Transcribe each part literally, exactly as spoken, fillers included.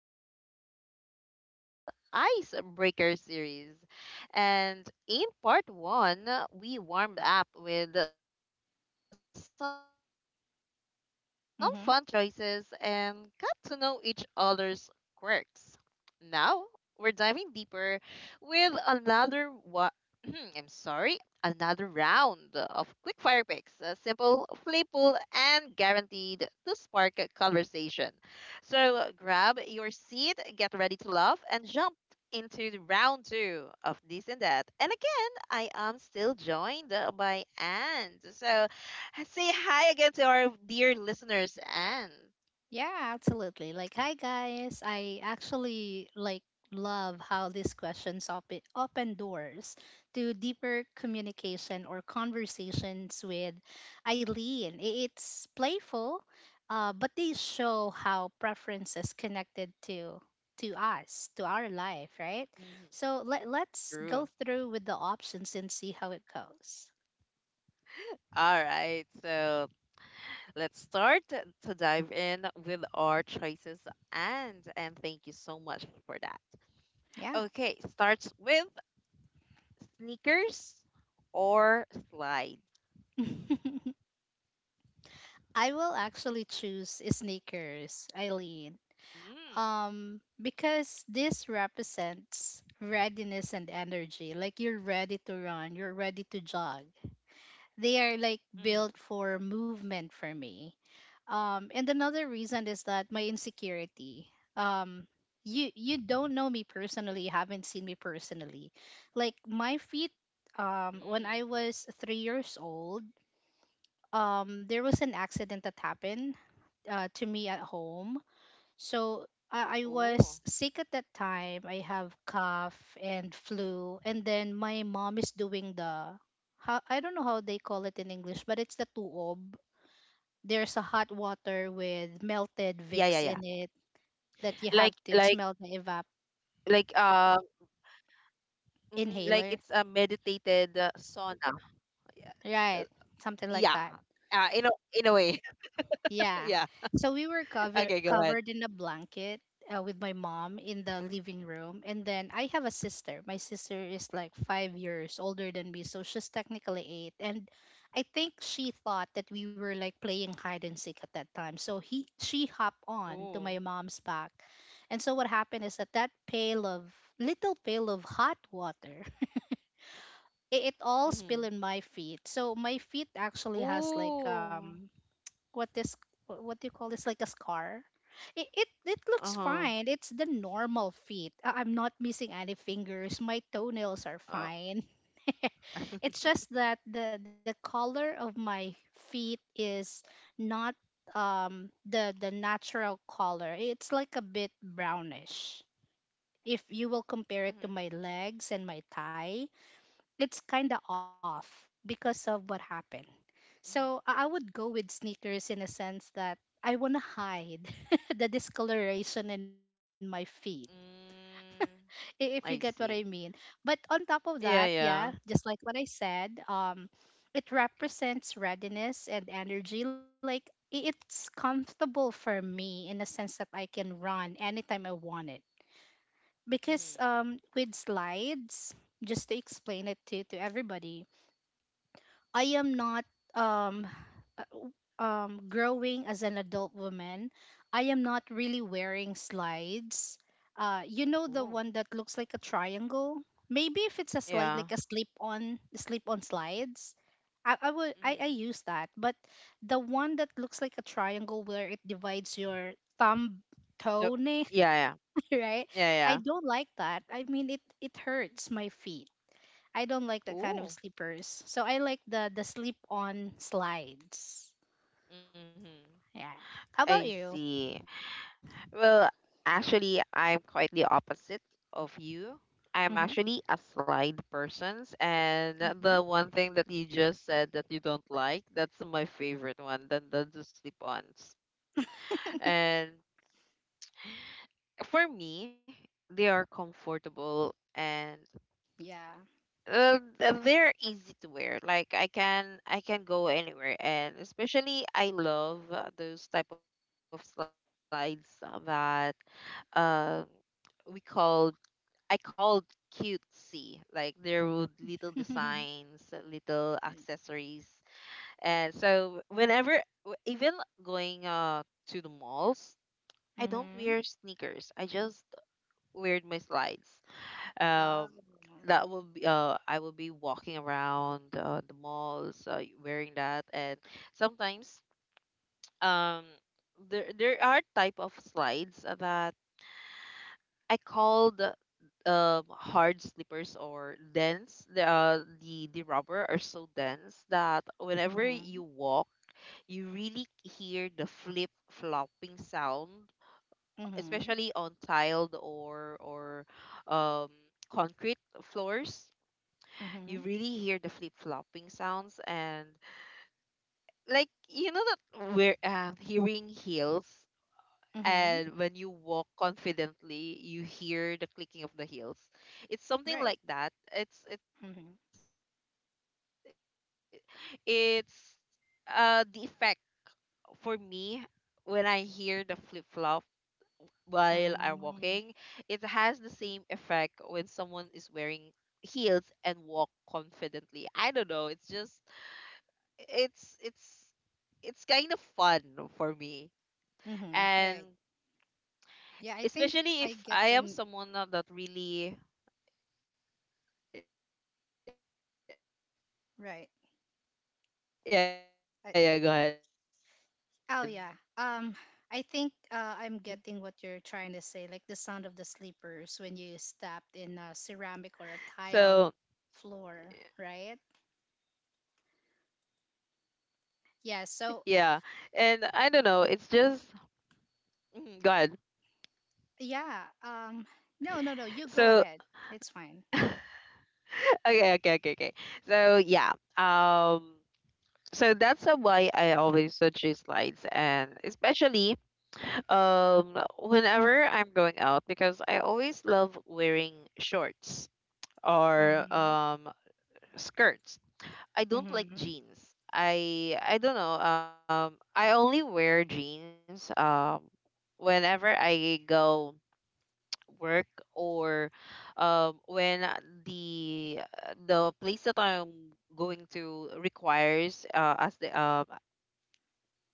of uh, This and That Icebreaker series. And in part one, uh, we warmed up with uh, some fun choices and got to know each other's Mm-hmm. quirks. Now, we're diving deeper with another I'm sorry, another round of quickfire picks. Uh, simple, playful, and guaranteed to spark a conversation. So grab your seat, get ready to laugh, and jump into the round two of this and that. And again, I am still joined uh, by Anne. So uh, say hi again to our dear listeners, Anne. Yeah, absolutely. Like, hi guys. I actually like love how these questions open open doors to deeper communication or conversations with Eileen. I- It's playful, uh, but they show how preferences connected to to us, to our life, right? Mhm. So let let's True. go through with the options and see how it goes. All right. So let's start to dive in with our choices and and thank you so much for that. Yeah. Okay, starts with sneakers or slide. I will actually choose sneakers, Eileen. Mm. Um because this represents readiness and energy, like you're ready to run, you're ready to jog, they are like Mm. built for movement for me. Um and another reason is that my insecurity, um you you Mm. don't know me personally, you haven't seen me personally, like my feet. Um when I was three years old, um there was an accident that happened uh, to me at Oh. home. So I, I was sick at that time. I have cough and flu, and then my mom is doing the, how, I don't know how they call it in English, but it's the tuob. There's a hot Yeah, yeah, yeah. water with melted Like Vicks in like it that you have to like smell the uh evap mhm, like it's a meditated inhaler, uh, sauna. Yeah. Uh, yeah. right? Uh, Something in a like that. in a way. Yeah. Yeah. So Okay, go we were ahead. covered covered in a blanket uh, with my mom in the living room, and then I have a sister. My sister is like five years older than me, so she's technically eight. And I think she thought that we were like playing hide and seek at that time. So he she hopped on Oh. to my mom's back, and so what happened is that that pail of, little pail of hot water, it, it all Mhm. spilled in my feet. So my feet actually has like, Ooh. um what this, what do you call this, like a scar. It it, it looks Uh-huh. fine, it's the normal feet. I- I'm not missing any fingers, my toenails are Uh, fine. It's just that the the color of my feet is not, um the the natural color, it's like a bit brownish. If you mhm. will compare it to my legs and my thigh, it's kind of off because of what happened. Mhm. So I I would go with sneakers, in a sense that I want to hide the discoloration in my feet, Mm. i- if you get what I I mean. see. But on top of that, Yeah, yeah, yeah. just like what I said, um, it represents readiness and energy. Like i- it's comfortable for me in a sense that I can run anytime I want it. Because Mhm. um, with slides, just to explain it to, to everybody, I am not um uh, w- um growing as an adult woman. I am not really wearing slides. Uh, you know the Ooh. one that looks like a triangle? Maybe if it's a slide, Yeah. like a slip on slip on slides. I, I would I, I Mhm. use that, but the one that looks like a triangle where it divides your thumb So, toenail, yeah, yeah. right? Yeah, I yeah. don't like that. I mean, it it Mm. hurts my feet. I don't like that kind of Ooh. slippers. So I like the the slip on slides. Mhm. Yeah. How I about you? see. Well, actually, I'm quite the opposite of you. Mhm. I'm actually a slide persons, and Mhm. the one thing that you just said that you don't like, that's my favorite one, then the, the slip-ons. And for me, they are comfortable and Yeah. Um, th- they're easy to wear. Like I can I can go anywhere, and especially I love uh, those type of slides uh, that um we called I called cutesy. Like there would little designs, uh, little accessories, and so whenever w- even going uh to the malls, I don't Mhm. wear sneakers. I just wear my slides um Oh. that will be uh i will be walking around uh, the malls uh, wearing that and sometimes um there there are type of slides that i called um hard slippers or dense the uh, the the rubber are so dense that whenever Mhm. you walk you really hear the flip flopping sound, Mhm. especially on tiled or or um concrete floors. You Mhm. really hear the flip flopping sounds and like you know that we're uh, hearing heels, Mhm. and when you walk confidently you hear the clicking of the heels. It's something Right. like that. it's it's Mhm. it's uh the effect for me. When I hear the flip flop while I'm walking, it has the same Mm. effect when someone is wearing heels and walk confidently. I don't know, it's just it's it's it's kind of fun for me. And Mhm. Right. especially if Yeah, I I am think someone na I that get when really Y- yeah, yeah, go ahead. right. So y- yeah, I, uh, where was I? Oh yeah. Uh yeah, yeah, Um, yeah. I think uh, I'm getting what you're trying to say, like the sound of the sleepers when you stepped in a ceramic or a tile floor, right? Yeah. Yeah. And So I don't know, it's just mm, go ahead. yeah. Um, no, no, So no, you go ahead. It's fine. okay, okay, okay, okay. So yeah. Um so that's uh, why I always uh, choose slides, and especially Um, whenever I'm going out, because I always love wearing shorts or Mhm. um skirts. I don't like Mhm. jeans. I I don't know. Um, I only wear jeans um whenever I go work or um when the the place that I'm going to requires uh, as the uh,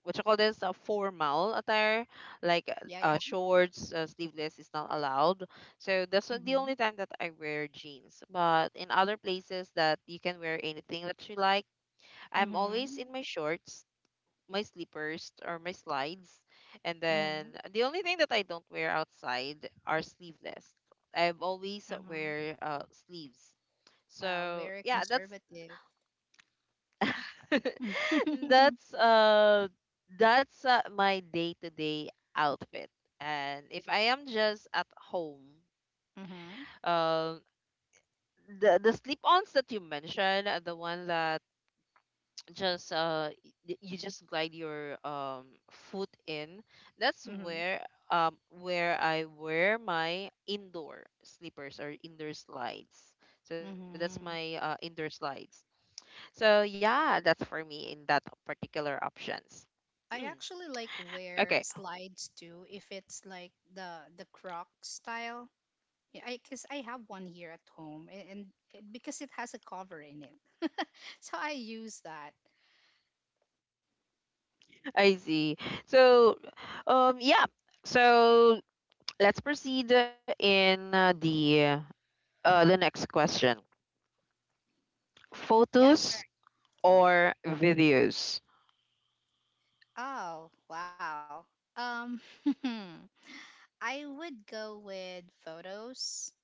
what you call this a formal attire, like Yeah, yeah. uh, shorts, uh, sleeveless is not allowed. So that's the only Mhm. time that I wear jeans, but in other places that you can wear anything that you like, I'm always Mhm. in my shorts, my slippers, or my slides. And then Mhm. the only thing that I don't wear outside are sleeveless. I've always Uh-huh. wear uh, sleeves. Wow. Very So yeah, that's conservative. That's uh that's uh, my day-to-day outfit. And if I am just at home, Mhm. Mhm. um the the slip-ons that you mentioned, uh, the one that just uh y- you just glide your um foot in, that's where um where I wear my indoor slippers or indoor slides. So that's my Mhm. uh, indoor slides. So yeah, that's for me in that particular options. I actually like Okay. wear slides too if it's like the the croc style. Yeah, I cuz I have one here at home, and, and it, because it has a cover in it. So I use that. I see. So, um, yeah. So let's proceed in uh, the uh, the next question: Yeah, photos sure. or videos? Oh, wow. Um I would go with photos.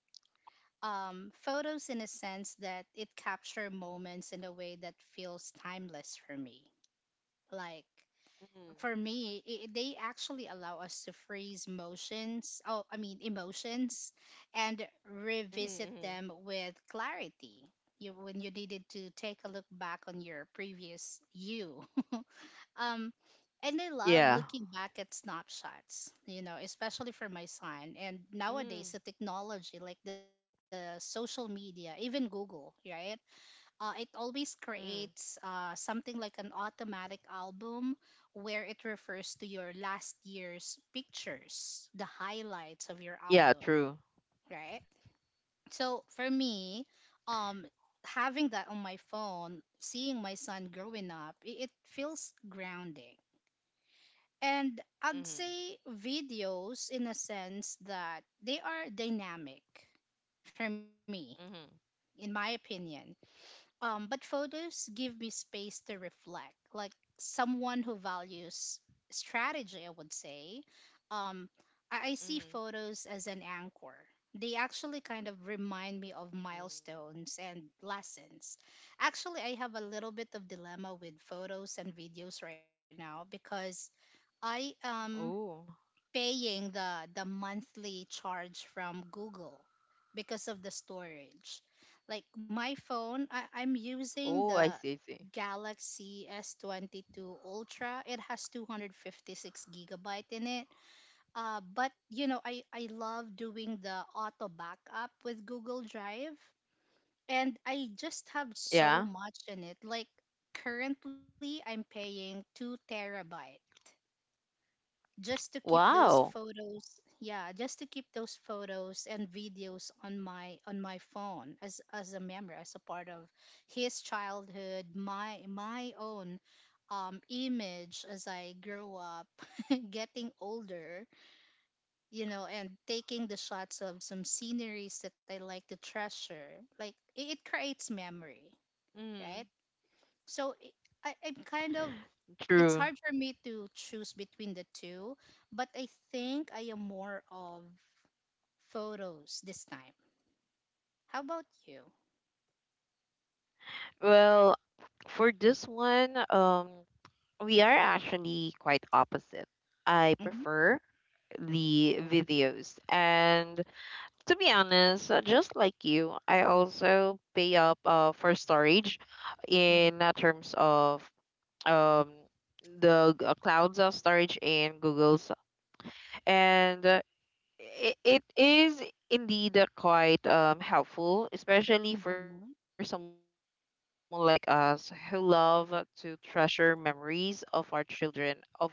Um, photos in a sense that it capture moments in a way that feels timeless for me. Like Mm. for me, I they actually allow us to freeze motions, oh, I mean, emotions, and Mhm, revisit mhm. them with clarity. You, when you needed to take a look back on your previous you. Um, and I love Yeah, looking back at snapshots, you know, especially for my son. And mhm. nowadays, the technology, like the social media, even Google, right? Uh, it always Mm, creates mm. uh, something like an automatic album where it refers to your last year's pictures, the highlights of your Yeah, album, true. right? So for me, um, having that on my phone, seeing my son growing up, it, it feels grounding. And I'd Mhm, say videos in a sense that they are dynamic for me, mhm. in my opinion. Um, but photos give me space to reflect. Like someone who values strategy, I would say. Um, I, I see Mhm, photos as an anchor. They actually kind of remind me of mhm. milestones and lessons. Actually, I have a little bit of dilemma with photos and videos right now because I am Oh. paying the the monthly charge from Google because of the storage. Like my phone, I, Oh, I I'm see, I see. using the Galaxy S twenty-two Ultra. It has two hundred fifty-six gigabyte in it. Uh, but you know, I I love doing the auto backup with Google Drive, and I just have Yeah. so much in it. Like currently, I'm paying two terabyte just to keep those Wow. photos, yeah, just to keep those photos and videos on my on my phone, as as a memory, as a part of his childhood, my my own um image as I grow up, getting older, you know, and taking the shots of some sceneries that I like to treasure, like it, it creates memory, Mhm. right? So it- I, I'm kind of, True. it's hard for me to choose between the two, but I think I am more of photos this time. How about you? Well, for this one, um, we are actually quite opposite. I Mm-hmm. prefer the videos. And to be honest, uh, just like you, I also pay up uh, for storage Mm-hmm. in uh, terms of um, the g- uh, clouds of storage in Google's. And uh, I it is indeed uh, quite um, helpful, especially for someone Mm-hmm. like us who love to treasure memories of our children, of us as a family.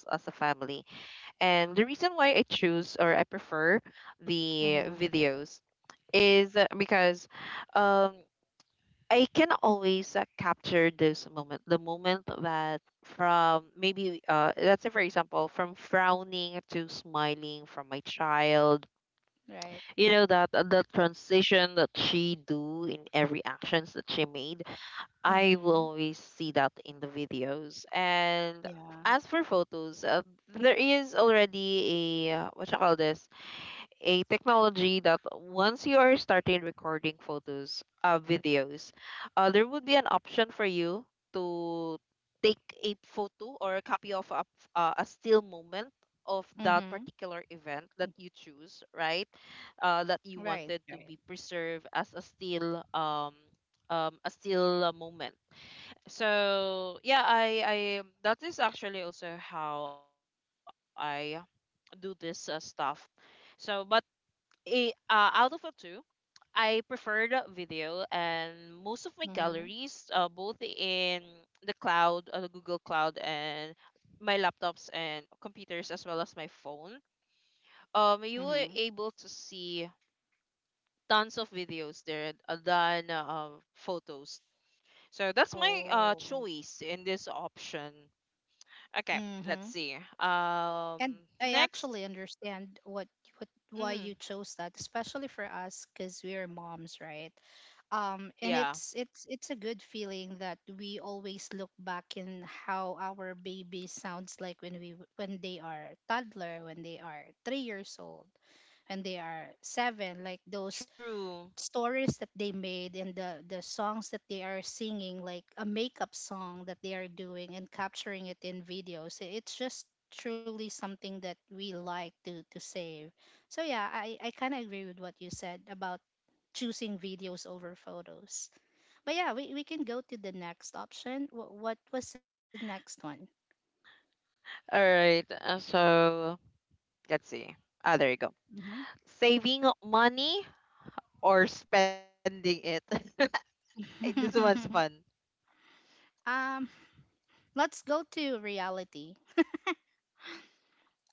And the reason why I choose or I prefer the videos Mm-hmm. is uh, because um, I can always uh, capture this moment, the moment that, from maybe uh let's say for example, from frowning to smiling from my child. You Right. know that the transition that she do in every actions that she made, I will Mm-hmm. always see that in the videos. And Yeah. as for photos, uh, there is already a uh, what you call this? A technology that once you are starting recording photos, uh, videos, uh, there would be an option for you to take a photo or a copy of a, uh, a still moment of that Mm-hmm. particular event that you choose, right? Uh, that you Right. wanted to Right. be preserved as a still um, um, a still uh, moment. So yeah, I, I that is actually also how I do this uh, stuff. So, but eh, uh, out of the two, I preferred video, and most of my Mm-hmm. galleries, uh, both in the cloud, uh, the Google Cloud, and my laptops and computers, as well as my phone, um, you were Mm-hmm. able to see tons of videos there, uh, than uh, photos. So that's my Oh. uh, choice in this option. Okay, Mm-hmm. let's see. And Um, I actually next. understand what, what, why you Mm-hmm. chose that, especially for us, because we are moms, right? Um, and it's Yeah, it's it's a good feeling that we always look back in how our baby sounds like when we when they are toddler, when they are three years old, when they are seven, like true. those stories that they made and the the songs that they are singing, like a makeup song that they are doing and capturing it in videos, i- it's just truly something that we like to to save. So yeah, i I kind of agree with what you said about choosing videos over photos. But yeah, we, we can go to the next option. What, what was the next one? All right. uh, So let's see. Ah, there you go. Hmm. Saving money or spending it. Ay, this one's fun. Um, let's go to reality.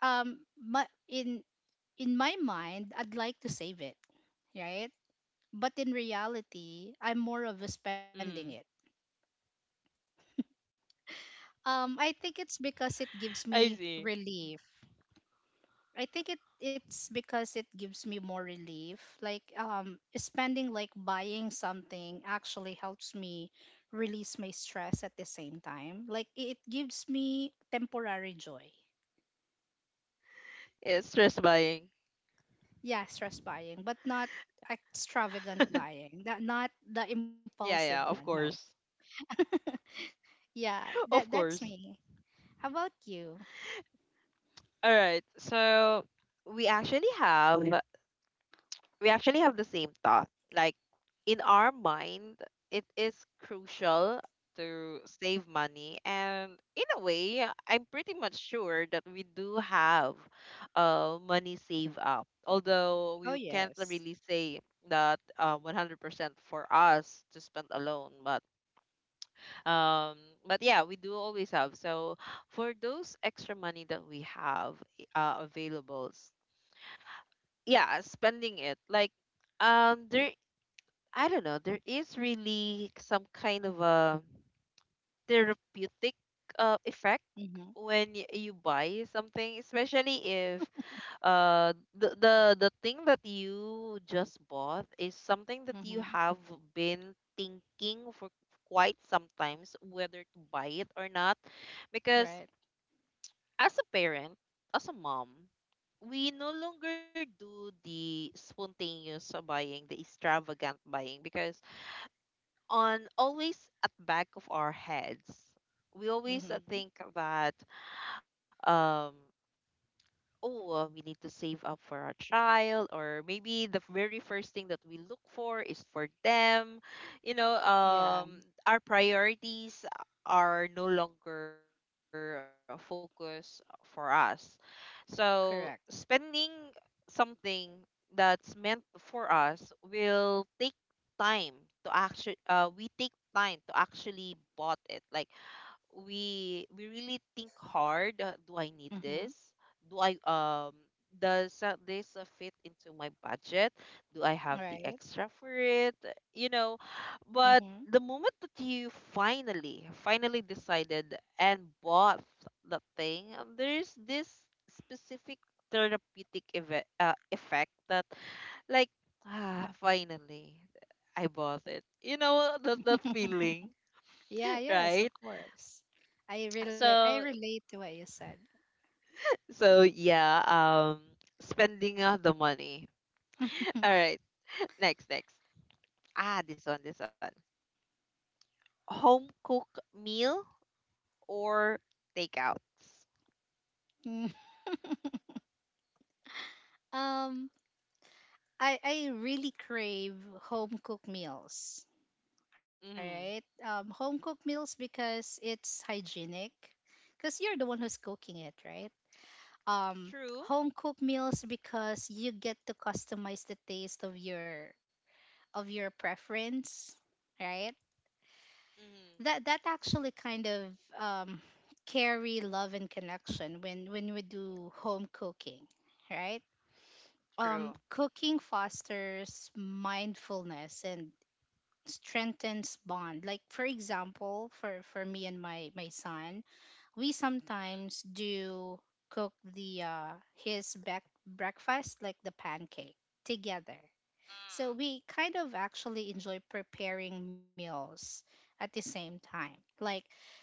Um, my, in in my mind I'd like to save it, right? But in reality, Mm. I'm more of a spending it. Um, I think it's I because see. it gives me relief. I think it It's because it gives me more relief. Like um, spending, like buying something actually helps me release my stress at the same time. Like it gives me temporary joy. Yeah, stress buying. Yeah, stress buying, but not extravagant buying. That not the Yeah, yeah, impulsive of one. No. course. Yeah, that Of that's course. me. How about you? All right. So we actually have we actually have the same thought. Like in our mind, it is crucial to save money, and in a way I'm pretty much sure that we do have uh, money save up, although Oh we can't yes. really say that uh, one hundred percent for us to spend alone, but um but yeah, we do always have. So for those extra money that we have uh, available s- yeah, spending it. Like um there I don't know, there is really some kind of a therapeutic uh, effect Mhm. when y- you buy something, especially if uh the, the the thing that you just bought is something that you Mhm. have been thinking for quite sometimes whether to buy it or not. Because Right. as a parent, as a mom, we no longer do the spontaneous buying, the extravagant buying, because on always at back of our heads we always uh, Mhm. think that um oh, uh, we need to save up for our child, or maybe the very first thing that we look for is for them. You know, Yeah. um, our priorities are no longer focused for us. So spending Correct. something that's meant for us will take time to actually, uh, we take time to actually bought it. Like we we really think hard, uh, do I need Mhm. this, do I um does uh, this uh, fit into my budget, do I have the Right. extra for it, you know. But Mhm. the moment that you finally finally decided and bought the thing, there's this specific therapeutic eve- uh, effect that, like, ah, finally I bought it, you know, that that feeling. Yeah. Yes. Right. Of course. I relate. I So relate to what you said. so yeah, um, spending uh, the money. All right, next, next. Ah, this one, this one. Home cook meal or takeouts? Mm. Um. I I really crave home cooked meals. All Mm-hmm. right. Um. Home cooked meals because it's hygienic. Cause you're the one who's cooking it, right? Um. True. Home cooked meals because you get to customize the taste of your, of your preference, right? Mm-hmm. That that actually kind of um, carry love and connection when when we do home cooking, right? True. Um, cooking fosters mindfulness and strengthens bond. Like for example, for for me and my my son, we sometimes do cook the uh, his back breakfast like the pancake together. Mm-hmm. So we kind of actually enjoy preparing meals at the same time. Like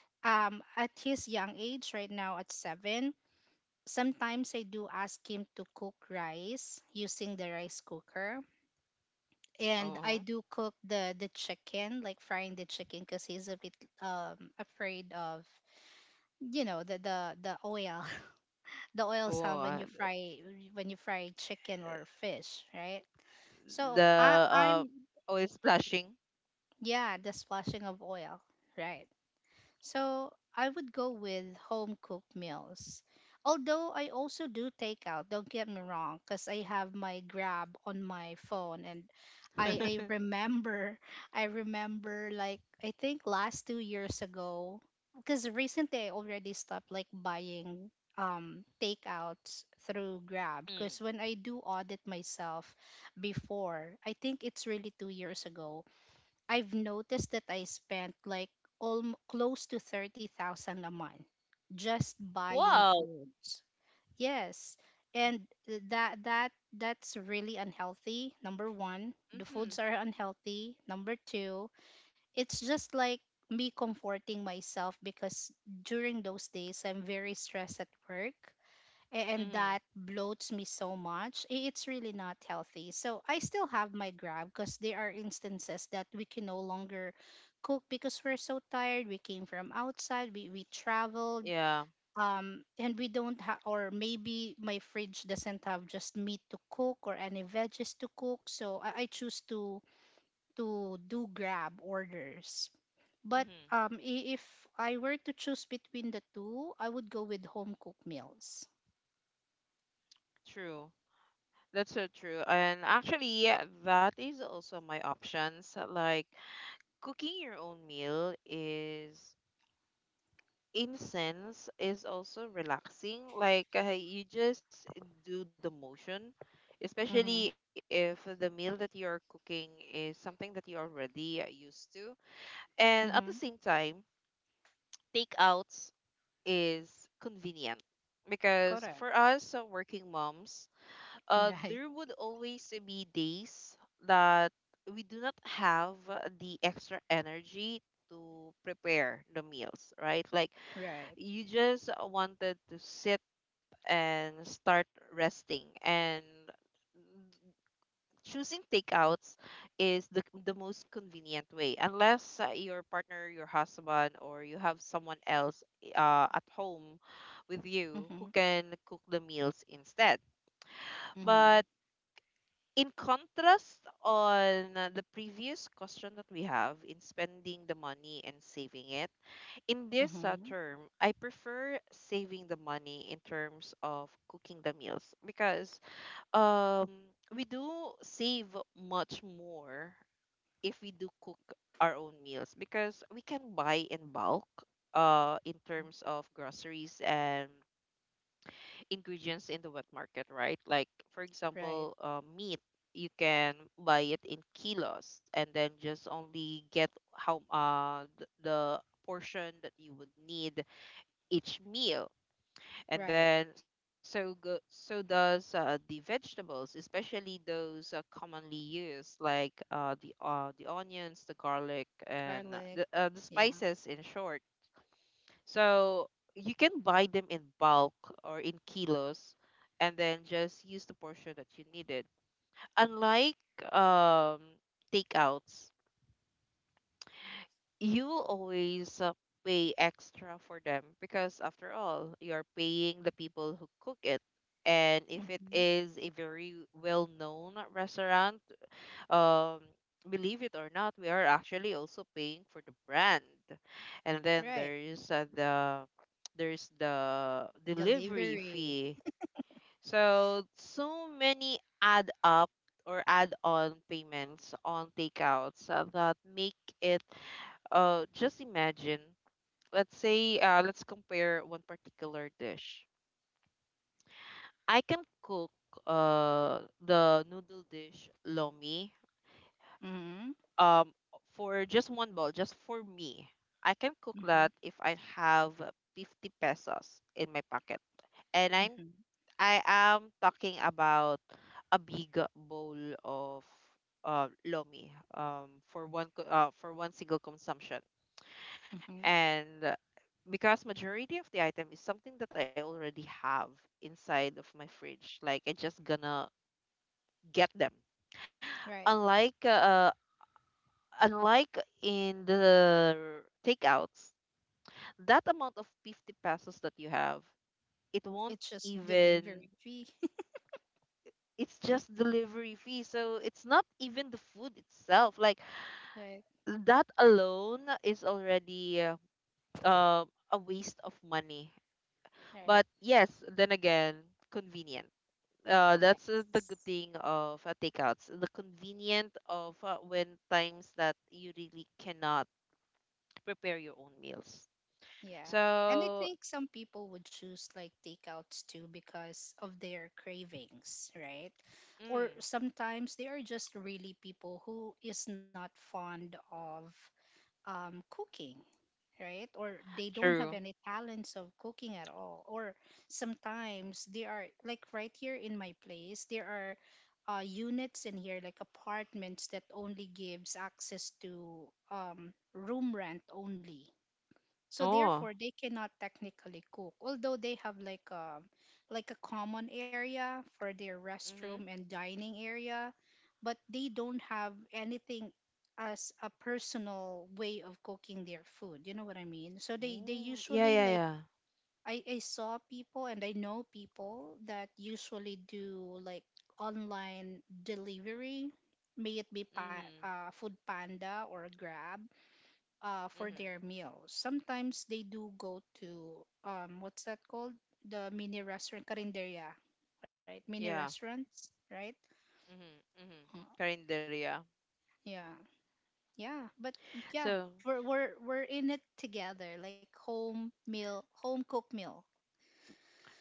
um, at his young age right now at seven, sometimes I do ask him to cook rice using the rice cooker, and Uh-huh. I do cook the the chicken, like frying the chicken, cuz he's a bit um afraid of, you know, the the the oil, the oil Oh, sound uh, when you fry, when you fry chicken or fish, right? So I the uh, I'm, oh, splashing. yeah, the splashing of oil. Right. So I would go with home cooked meals. Although I also do takeout, don't get me wrong, because I have my Grab on my phone. And I, I remember, I remember like, I think last two years ago, because recently I already stopped like buying um takeouts through Grab Mm. because when I do audit myself before, I think it's really two years ago, I've noticed that I spent like almost close to thirty thousand a month just buying Wow. foods. Yes. And that that that's really unhealthy. Number one, the Mm-hmm. foods are unhealthy. Number two, it's just like me comforting myself because during those days I'm very stressed at work a- and that Mm-hmm. bloats me so much i- it's really not healthy. So I still have my Grab because there are instances that we can no longer cook because we're so tired, we came from outside, we, we traveled Yeah. um and we don't have, or maybe my fridge doesn't have just meat to cook or any veggies to cook, so i, I choose to to do Grab orders. But Mm-hmm. um i- if I were to choose between the two, I would go with home cooked meals. True. That's so true. And actually, yeah, that is also my options. Like, cooking your own meal is in sense is also relaxing. Like uh, you just do the motion, especially Mm-hmm. if the meal that you are cooking is something that you're already uh, used to. And at the same Mm-hmm. time, takeouts is convenient because Correct. for us uh, working moms, uh, Right. there would always be days that we do not have the extra energy to prepare the meals, right? Like Right. you just wanted to sit and start resting, and choosing takeouts is the, the most convenient way, unless uh, your partner, your husband, or you have someone else uh, at home with Mhm. you who can cook the meals instead. Mhm. But in contrast on uh, the previous question that we have in spending the money and saving it, in this Mhm. uh, term I prefer saving the money in terms of cooking the meals, because um we do save much more if we do cook our own meals, because we can buy in bulk uh in terms of groceries and ingredients in the wet market, right? Like for Right. example, uh, meat, you can buy it in kilos and then just only get how uh th- the portion that you would need each meal. Right. And then so go, so does uh, the vegetables, especially those uh, commonly used, like uh, the uh, the onions, the garlic, and Garlic. uh, the uh, the Yeah. spices, in short. So you can buy them in bulk or in kilos and then just use the portion that you needed. Unlike um, takeouts, you will always uh, pay extra for them because, after all, you're paying the people who cook it. And if it Mhm. is a very well known restaurant, um believe it or not, we are actually also paying for the brand. And then Right. there is uh, the there's the delivery Delivery. fee. So so many add up or add on payments on takeouts uh, that make it— uh just imagine, let's say, uh let's compare one particular dish. I can cook uh the noodle dish lomi, Mhm. um for just one bowl, just for me. I can cook Mhm. that if I have 50 pesos in my pocket. And I'm Mhm. I am talking about a big bowl of uh, lomi, um for one co- uh, for one single consumption. Mhm. And uh, because majority of the item is something that I already have inside of my fridge. Like, I just gonna get them. Right. Unlike uh unlike in the takeouts, that amount of 50 pesos that you have, it won't It's just even— delivery fee. it's just delivery fee. So it's not even the food itself. Like, Right. that alone is already uh, um, a waste of money. Right. But yes, then again, convenient. Uh, that's uh, the good Yes. thing of uh, takeouts. The convenient of uh, when times that you really cannot prepare your own meals. Yeah. And I So, think some people would choose like takeouts too because of their cravings, right? Or mm, sometimes they are just really people who is not fond of um, cooking, right? Or they don't have any true. talents of cooking at all. Or sometimes they are, like, right here in my place, there are uh, units in here like apartments that only gives access to um, room rent only, so therefore Oh. they cannot technically cook, although they have like a like a common area for their restroom and dining area, but they don't have anything as a personal way of cooking their food you know What I mean, so they they Oh, yeah, usually, yeah, like, yeah. i i saw people and I know people that usually do like online delivery, may it be pa- Mm-hmm. uh, Food Panda or Grab uh, for their Mm-hmm. meals. Sometimes they do go to um, what's that called? The mini restaurant, Carinderia, right? Mini Yeah. restaurants, right? Mm-hmm. Uh, Mm-hmm. Calendar, yeah. yeah, yeah, but yeah, So we're we're we're in it together, like home meal, home cooked meal,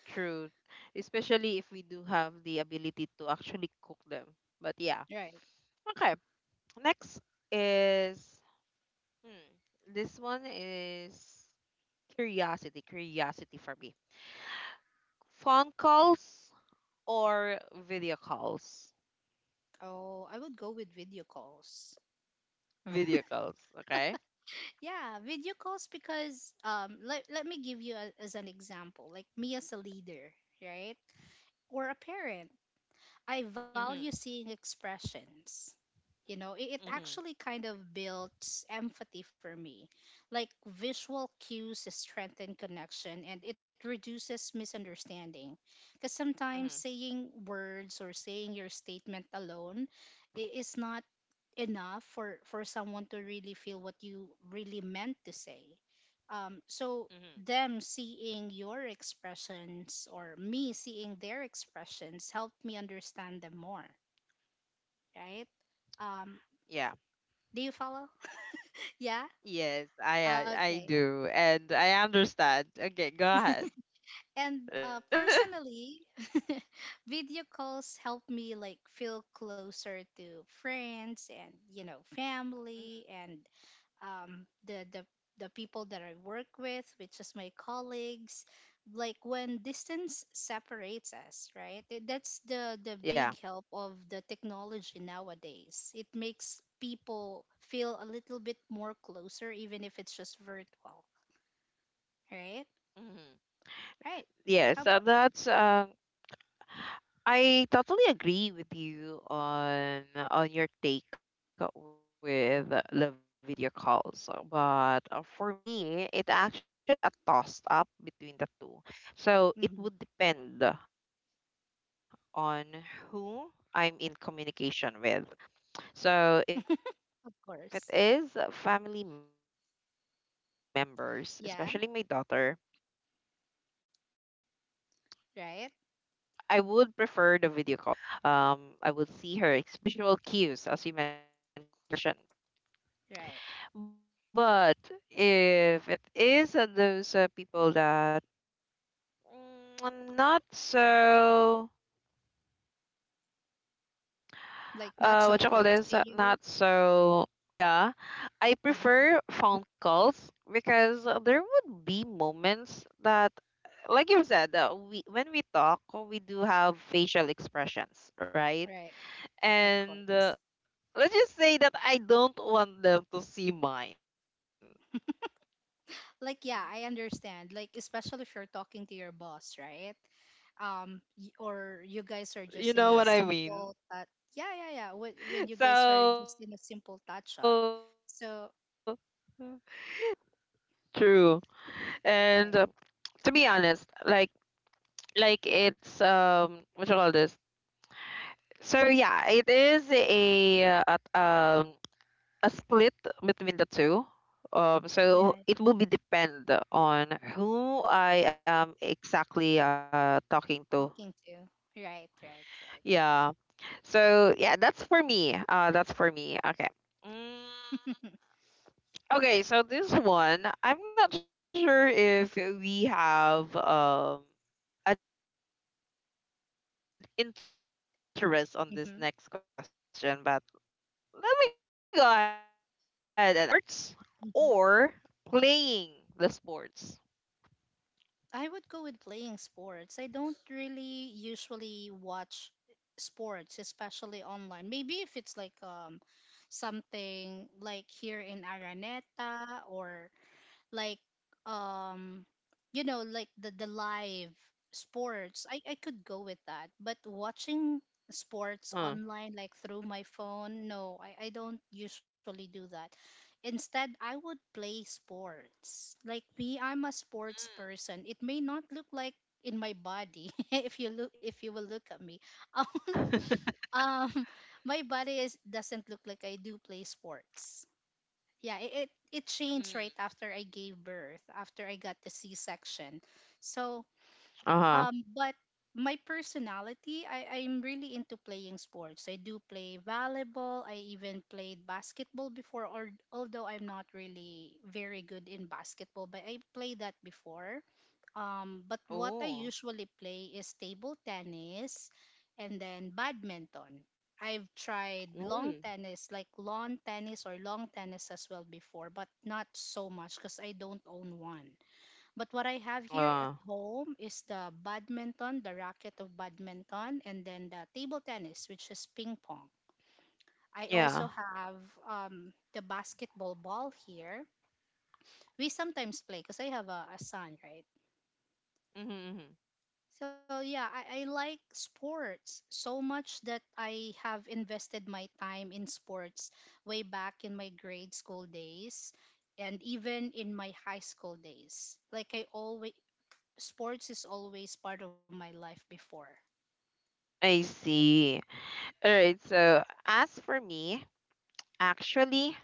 true, especially if we do have the ability to actually cook them. But yeah, right? okay. Next is— hmm, this one is curiosity. Curiosity for me. Phone calls or video calls? Oh, I would go with video calls. Video calls. Okay. Yeah, video calls because um, let let me give you a, as an example, like me as a leader, right, or a parent. I value Mm-hmm. seeing expressions. You know, it, it Mm-hmm. actually kind of builds empathy for me, like visual cues strengthen connection and it reduces misunderstanding, because sometimes Mm-hmm. saying words or saying your statement alone i- is not enough for for someone to really feel what you really meant to say. Um so Mm-hmm. them seeing your expressions or me seeing their expressions helped me understand them more, right. um do you follow? Yeah? Yes, I uh, I Okay. do, and I understand. Okay, go ahead. And uh, personally, video calls help me like feel closer to friends and, you know, family and um, the the the people that I work with, which is my colleagues. Like when distance separates us, right? Th- That's the the big Yeah. help of the technology nowadays. It makes people feel a little bit more closer, even if it's just virtual, right? Mm-hmm. Right. Yeah, How so about you? that's— um I totally agree with you on on your take with the video calls, but uh, for me, it actually a toss up Hmm. between the two. So it would depend on who Of I'm in course. communication with. So if it is Yeah. family members, especially my daughter, Right. I would prefer the video calls because, as you've mentioned, um, I would be able to see her. Um, I would see her expressions. I would, um, I would, uh, what you call this? The vi- Right. uh, visual cues, as you mentioned. But if it is uh, those uh, people that— mm, not so, Like uh, not what so you call close this? uh, to Not you. so Uh-huh. close to, like— yeah, I prefer phone calls because there would be moments Right. that, Of like you course. said, uh, we when we talk, we do have facial expressions, right? Like yeah, I And uh, understand. Like let's especially just if you're say that talking to I your don't boss, want right? them to see Um, y- mine. Or you guys are You just in know a what I mean? simple that So yeah, yeah, yeah. When when you guys are just in a simple touch up. So true. And right. uh, to be honest, like, like it's— um what you call this? So yeah, it is a— uh, at- um a split between the two. Um, Yeah, So it will be depend on who I am exactly uh, talking to. talking to. Right. Right. Right. Yeah. So yeah, that's for me. Uh, that's for me. Okay. Mm, okay. So this one, I'm not sure if we have um an interest on this next question, but let me go ahead and ask anyway. Hmm. Um, watching sports or Hmm. playing the sports? I would go with playing sports. I don't really usually watch sports, especially online. Maybe if it's like um something like here in Araneta or like um you know, like the the live sports, i i could go with that. But watching Huh. sports online, like through my phone, no, i i don't usually do that. Instead I would play sports. Like me, I'm a sports person. It may not look like in my body if you look, if you will look at me. um my body is doesn't look like I do play sports. Yeah, it, it it Mm. changed right after I gave birth, after I got the C-section. So Uh-huh. um but my personality, I, I'm really into playing sports. I do play volleyball. I even played basketball before, or although I'm not really very good in basketball, but I played that before. Um, but what I Oh. usually play is table tennis and then badminton. I've tried long Mm. tennis, like lawn tennis or long tennis as well before, but not so much because I don't own one. But what I have here Uh, at home is the badminton, the racket of badminton, and then the table tennis, which is ping pong. I also yeah. have um, the basketball ball here. We sometimes play because I have a, a son, right? Mm-hmm, hmm. So yeah, I, I like sports so much that I have invested my time in sports way back in my grade school days and even in my high school days. Like I always sports is always part of my life before. I see. All right, so as for me, actually,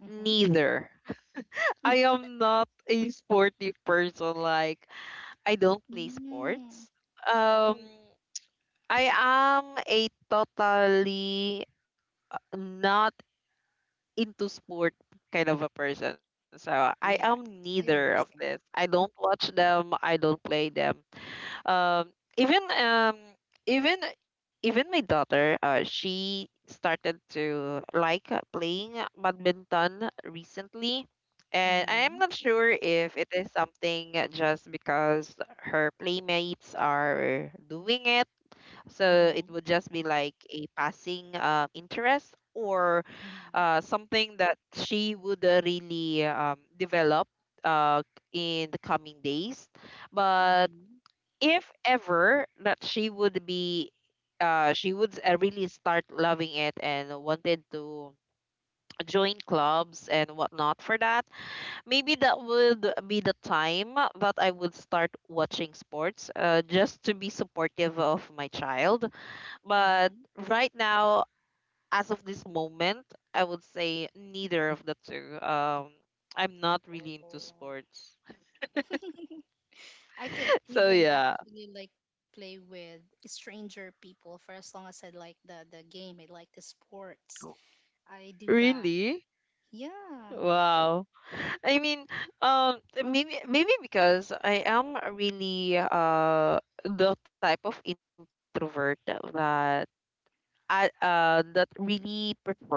Hmm. neither. I am not a sporty person. Like, I don't play Mm. sports. Um, Oh. I am a totally not into sport kind of a person. So Yeah, I am I neither of understand. this. I don't watch them. I don't play them. um even um even even my daughter, uh she started to like uh, playing badminton recently, and I am Mm-hmm. not sure if it is something just because her playmates are doing it, so it Mm-hmm. would just be like a passing uh, interest, or Mm-hmm. uh, something that she would uh, really um, develop uh, in the coming days. But Mm-hmm. if ever that she would be uh she would uh, really start loving it and wanted to join clubs and whatnot for that, maybe that would be the time that I would start watching sports, uh, just to be supportive of my child. But Mm-hmm. right now, as of this moment, I would say neither of the two. um I'm not really into Oh. sports. I can So even yeah, actually like play with stranger people, for as long as I like the the game. I like the sports. I do that. really. Yeah. Wow. I mean, um, maybe maybe because I am really uh the type of introvert that I uh that really prefer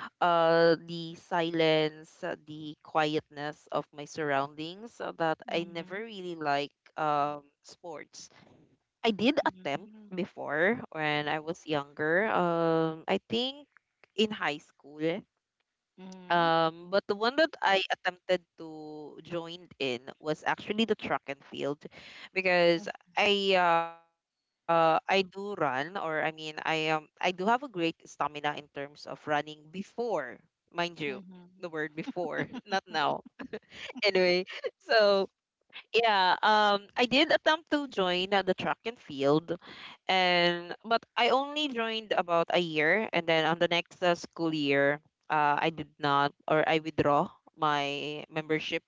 uh the silence, uh, the quietness of my surroundings. uh, That I never Mhm. really like um sports. I did attempt Mhm. before when I was younger. Um, I think in high school. Mhm. Um, but the one that I attempted to join in was actually the track and field because I uh I do run, or I mean I um I do have a great stamina in terms of running before, mind you, the word Mhm. before, not now. Anyway, so yeah, um I did attempt to join uh, the track and field, and but I only joined about a year, and then on the next uh, school year, uh, I did not— or I withdraw my membership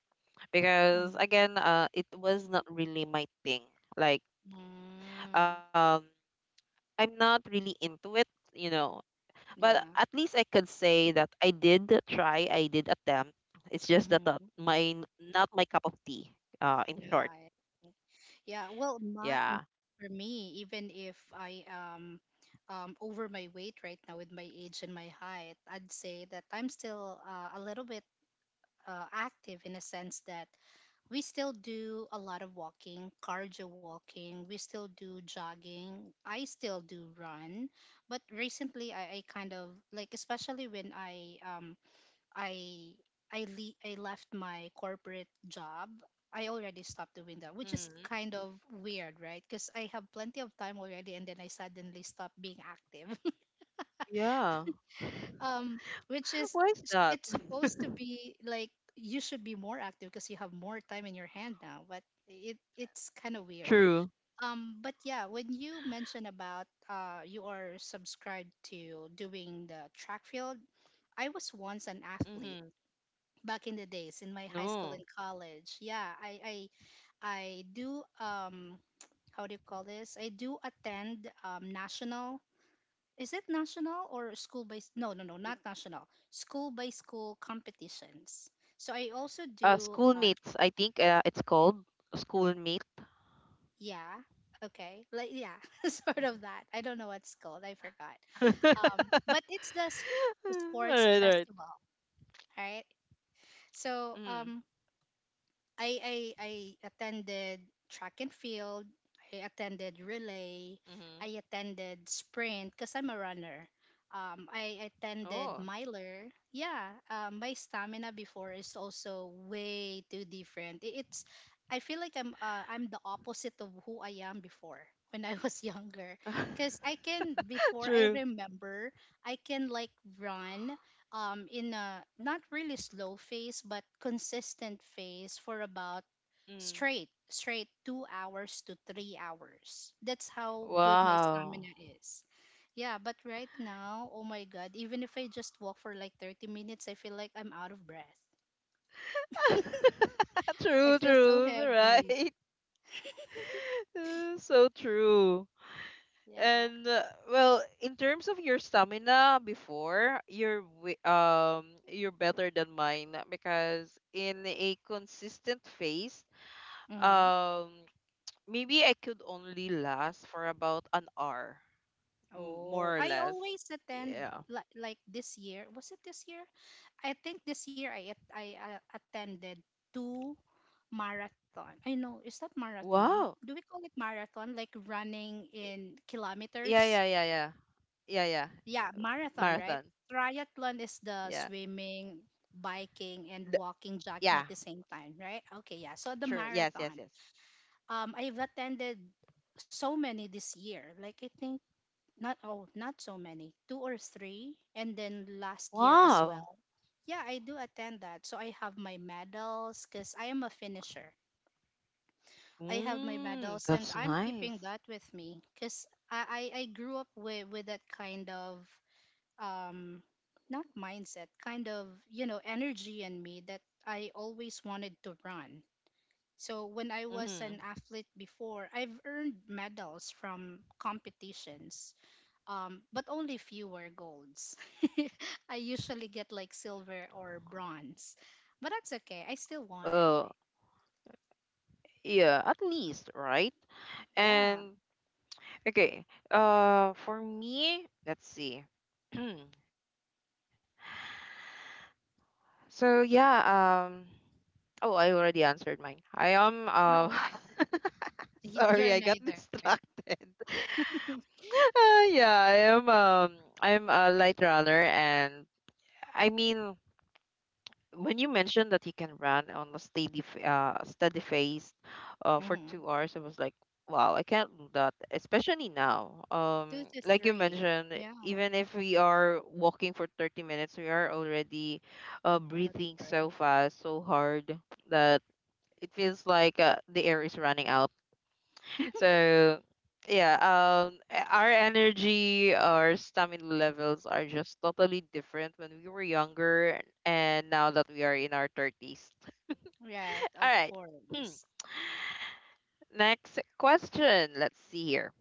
because Mhm. again, uh, it was not really my thing. Like, Mm, um, I'm not really into it, you know. But yeah. at least I could say that I did try, I did attempt. It's just that uh, Mm-hmm. my— not my cup of tea. Uh, in short, Yeah. Yeah. Well, my m- yeah. for me, even if I am um over my weight right now with my age and my height, I'd say that I'm still uh, a little bit uh, active, in a sense that we still do a lot of walking, cardio walking. We still do jogging. I still do run, but recently I, I kind of like, especially when I um I I le- I left my corporate job. I already stopped doing that, which is Hmm. kind of weird, right? Because I have plenty of time already, and then I suddenly stop being active, Yeah. um which is Why is that? it's supposed to be like you should be more active because you have more time in your hand now, but it it's kind of weird. True. Um but yeah, when you mention about uh you are subscribed to doing the track field, I was once an athlete back in the days in my high school and No. college. Yeah, i i i do um how do you call this, I do attend um national, is it national or school by? s- No, no, no, not national. School by school competitions. So I also Uh, do. Uh, schoolmates, I think uh, it's called schoolmate. yeah. Okay. Like yeah, sort of that. I don't know what's called. I forgot. Um, all but it's the s- sports right, all right. festival, right? So um, Mm, I I I attended track and field. I attended relay. I mm-hmm. attended sprint because I'm a runner. Um, I attended Oh. miler. Yeah, um, my stamina before is also way too different. I- It's I feel like I'm uh, I'm the opposite of who I am before when I was younger. Because I can before, I True. remember I can like run um, in a not really slow phase but consistent phase for about Mm. straight straight two hours to three hours. That's how good my Wow. stamina is. Yeah, but right now, oh my god, even if I just walk for like thirty minutes I feel like I'm out of breath. I True, feel so true, heavy. right. Uh, So true. And uh, well, in terms of your stamina before, you're wi- um you're better than mine because in a consistent phase, Hmm. um maybe I could only last for about an hour, m- more Oh, or I less. always attend, Yeah. li- like this year, was it this year, I think this year I at- I uh, attended two marathon. I know, is that marathon? Do we Wow. call it marathon? Like running in Y- Yeah, kilometers? yeah, yeah, yeah. Yeah, yeah. Yeah, marathon, right? Marathon. Triathlon is the Yeah. swimming, biking, and Th- walking, jogging at the yeah. same time, right? Okay, yeah. So the True. Yes, marathon. yes, yes. Um, I've attended so many this year. Like I think, not oh, not so many. Two or three, and then last year as Wow. well. Yeah, I do attend that. So I have my medals because I am a finisher. I have my Mm, medals that's and I'm keeping nice. that with me because I, I, I grew up with, with that kind of um not mindset, kind of, you know, energy in me that I always wanted to run. So when I was Mm-hmm. an athlete before, I've earned medals from competitions um, but only fewer golds. I usually get like silver or bronze, but that's okay. I still won Oh, anyway. yeah, at least, right? Yeah. And okay, uh for me, let's see. So yeah, um oh, I already answered mine. I am— uh Oh, y- sorry, I got you're neither. distracted. Uh, yeah, I am— um I'm a light runner. And I mean, when you mentioned that he can run on a steady f- uh steady phase uh for Hmm. 2 hours, I was like, wow, I can't do that, especially now. Um Two to Like you three. mentioned, Yeah. even if we are walking for 30 minutes, we are already uh Out breathing of breath. so fast, so hard that it feels like uh, the air is running out. So yeah, um, e- our energy, our stamina levels are just totally different when we were younger and now that we are in our thirties. Right, All of right. Hmm. course. Next question. Let's see here.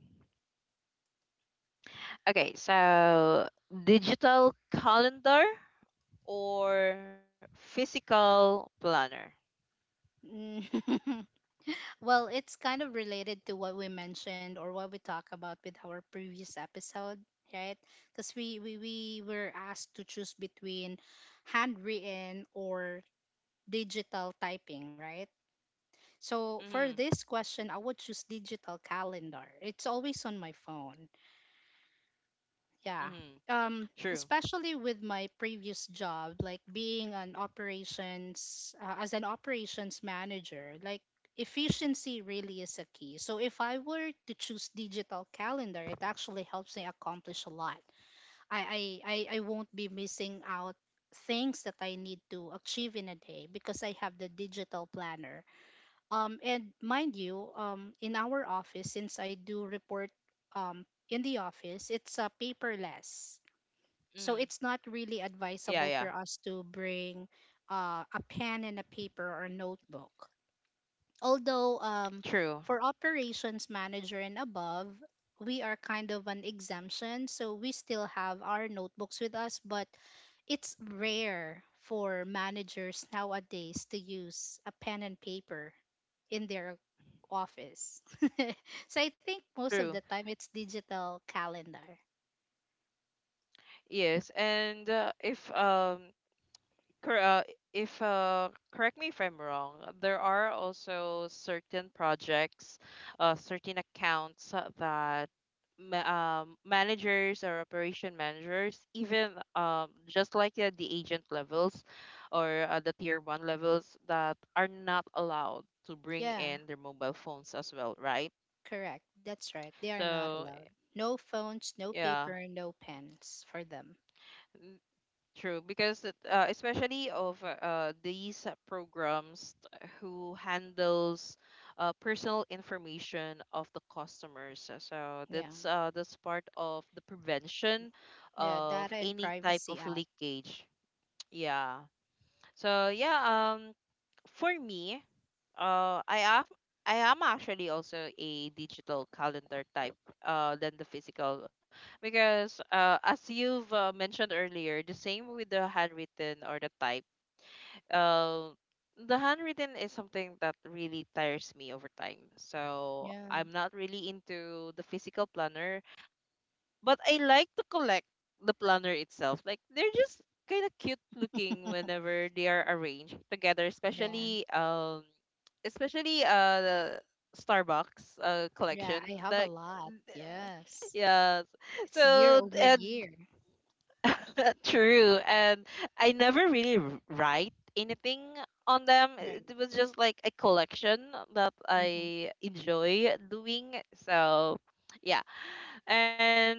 Okay, so digital calendar or physical planner? Mm. Well, it's kind of related to what we mentioned or what we talked about with our previous episode, right? Because we, we, we were asked to choose between handwritten or digital typing, right? So for Mm-hmm. this question, I would choose digital calendar. It's always on my phone. Yeah. Mm-hmm. Um, True. especially with my previous job, like being an operations uh, as an operations manager, like efficiency really is a key. So if I were to choose digital calendar, it actually helps me accomplish a lot. I I I, I won't be missing out things that I need to achieve in a day because I have the digital planner. Um, and mind you, um, in our office, since I do report um, in the office, it's uh, paperless. Mm-hmm. So it's not Yeah, really yeah. advisable for us to bring uh, a pen and a paper or notebook. Although True. um, for operations manager and above, we are kind of an exemption. So we still have our notebooks with us, but it's rare for managers nowadays to use a pen and paper in their office. So I think most True. of the time it's digital calendar. Yes, and uh, if um Cor- uh, if uh, correct me if I'm wrong, uh, there are also certain projects, uh, certain accounts uh, that ma- um, managers or operation managers, even um, just like at the agent levels or uh, the tier one levels, that are not allowed to bring Yeah, in their mobile phones as well, right? correct. That's right. They are not So allowed. No phones, no yeah. paper, no pens for them. True, because it, uh, especially of uh, these uh, programs t- who handles uh, personal information of the customers. Uh, So Yeah. that's uh, that's part of the prevention Yeah, of Data and any type Privacy of Act. leakage. Yeah. So yeah, um, for me, uh, I am I am actually also a digital calendar type uh than the physical because uh as you've uh, mentioned earlier, the same with the handwritten or the type. Uh, the handwritten is something that really tires me over time. So Yeah. I'm not really into the physical planner, but I like to collect the planner itself. Like, they're just kind of cute looking whenever they are arranged together, Yeah. especially um especially uh the Starbucks uh Yeah, I collection. have a Like. lot. Yes. Yeah. Yes. It's year So, over uh, year. true. And I never really r- write anything on them. Right. It was just like a collection that Mm-hmm. I enjoy doing. So, yeah. And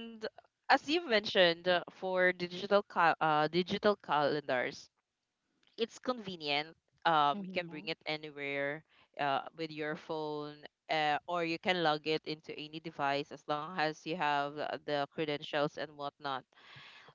as you've mentioned, uh, for digital ca- uh, digital calendars, it's convenient. Um, you can Mm-hmm. bring it anywhere uh, with your phone, uh, or you can log it into any device as long as you have uh, the credentials and whatnot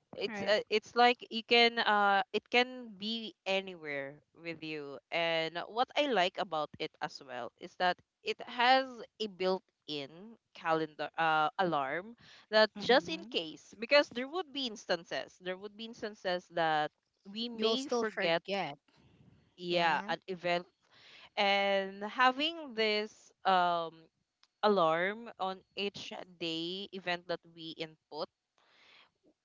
it's uh, Right. it's like you can uh it can be anywhere with you. And what I like about it as well is that it has a built-in calendar uh, alarm, that just in Mm-hmm. case, because there would be instances there would be instances that we You'll may still forget, forget. yeah, Yeah. an event. And having this um alarm on each day event that we input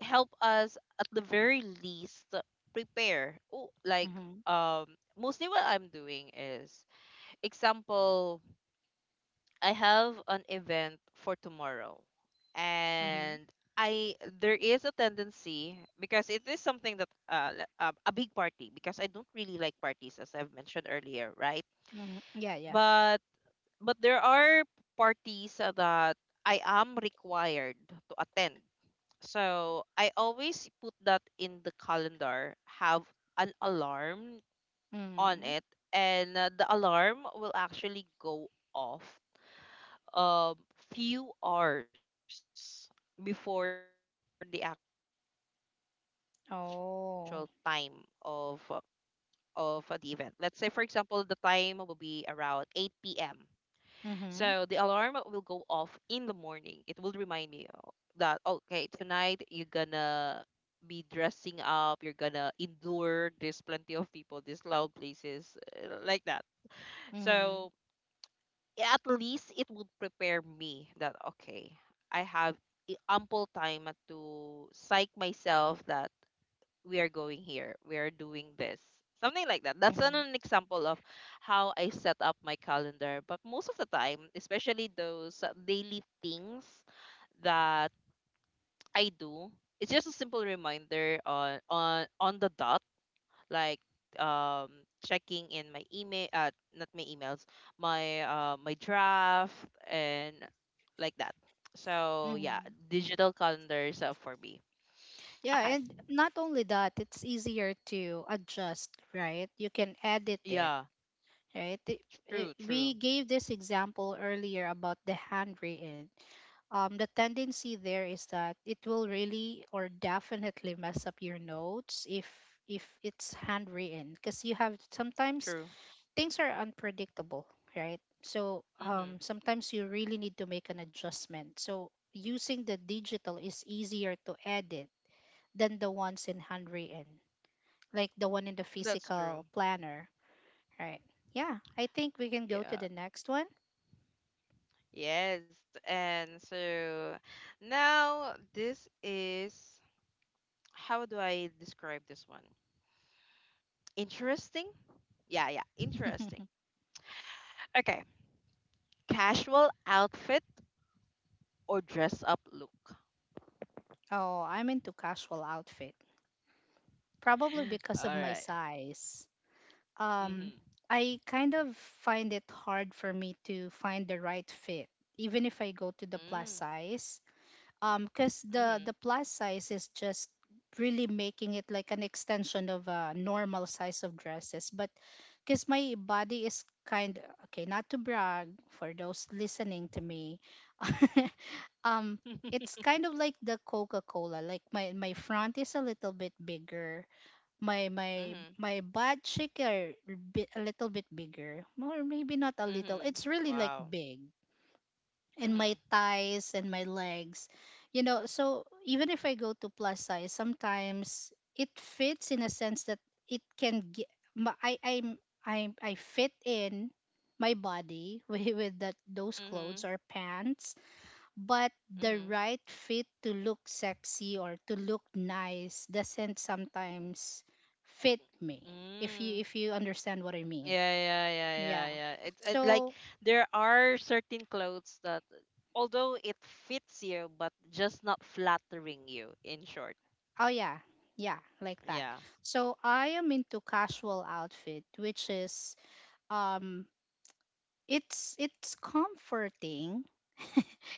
help us at the very least prepare. Oh, like Mm-hmm. um mostly what I'm doing is, example, I have an event for tomorrow, Mm-hmm. and I there is a tendency because it is something that uh, le- um, a big party, because I don't really like parties as I've mentioned earlier, right? Mm-hmm. Yeah, yeah. But but there are parties that I am required to attend, so I always put that in the calendar, have an alarm on Mm-hmm. it, and uh, the alarm will actually go off um few hours before the actual time of uh, of uh, the event. Let's say for Oh. example the time will be around eight p m. So the alarm will go off in the Mm-hmm. morning. It will remind me o- that okay, tonight you're gonna be dressing up, you're gonna endure, there's plenty of people, these loud places uh, like that. So Mm-hmm. at least it would prepare me that okay, I have i- ample time to psych myself that we are going here, we are doing this, something like that. That's Mm-hmm. an, an example of how I set up my calendar. But most of the time, especially those uh, daily things that I do, it's just a simple reminder on on on the dot, like um checking in my email uh not my emails, my uh my draft and like that. So yeah, Mm-hmm. digital calendars uh, for me. Yeah, Okay. and not only that, it's easier to adjust, right? You can edit it, Yeah. right? It- true it- true we gave this example earlier about the handwritten. Um, the tendency there is that it will really or definitely mess up your notes if if it's handwritten because you have sometimes true. things are unpredictable, right? So Mm-hmm. um, sometimes you really need to make an adjustment. So using the digital is easier to edit than the ones in handwritten, like the one in the That's true. physical planner, right? Yeah, I think we can go to Yeah. the next one. Yes. And so, now this is, how do I describe this one? Interesting? Yeah, yeah, interesting. Okay. Casual outfit or dress up look. Oh, I'm into casual outfit, probably because of All my right. size. Um, Mm-hmm. I kind of find it hard for me to find the right fit, even if I go to the plus Mm. size um because Mm-hmm. the the plus size is just really making it like an extension of a normal size of dresses, but because my body is kind, okay, not to brag for those listening to me, um it's kind of like the Coca-Cola. Like, my my front is a little bit bigger, my my Mm-hmm. my butt cheek are bi- a little bit bigger, or maybe not a little, Mm-hmm. it's really like Wow. big, and my Mm-hmm. thighs and my legs. You know, so even if I go to plus size, sometimes it fits in a sense that it can get, I I'm I I fit in my body with, with that those Mm-hmm. clothes or pants, but the Mm-hmm. right fit to look sexy or to look nice doesn't sometimes fit me. If you, Mm. if you understand what I mean. Yeah, yeah, yeah, yeah, Yeah. yeah. It's it, like So, there are certain clothes that, although it fits you, but just not flattering you. In short, oh yeah, yeah, like that. yeah, So I am into casual outfit, which is, um it's it's comforting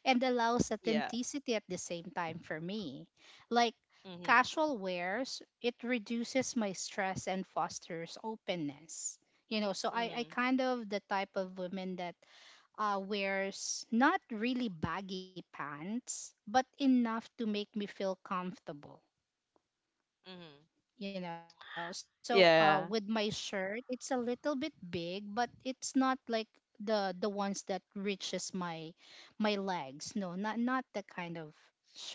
and allows yeah. authenticity at the same time for me. Like, Mhm, casual wears, it reduces my stress and fosters openness. You know, so I, I mhm, kind of the type of woman that uh, wears not really baggy pants, but enough to make me feel comfortable. mhm. You know, so uh with my Yeah, shirt, it's a little bit big, but it's not like the the ones that reaches my my legs. No, not, not that kind of shirt.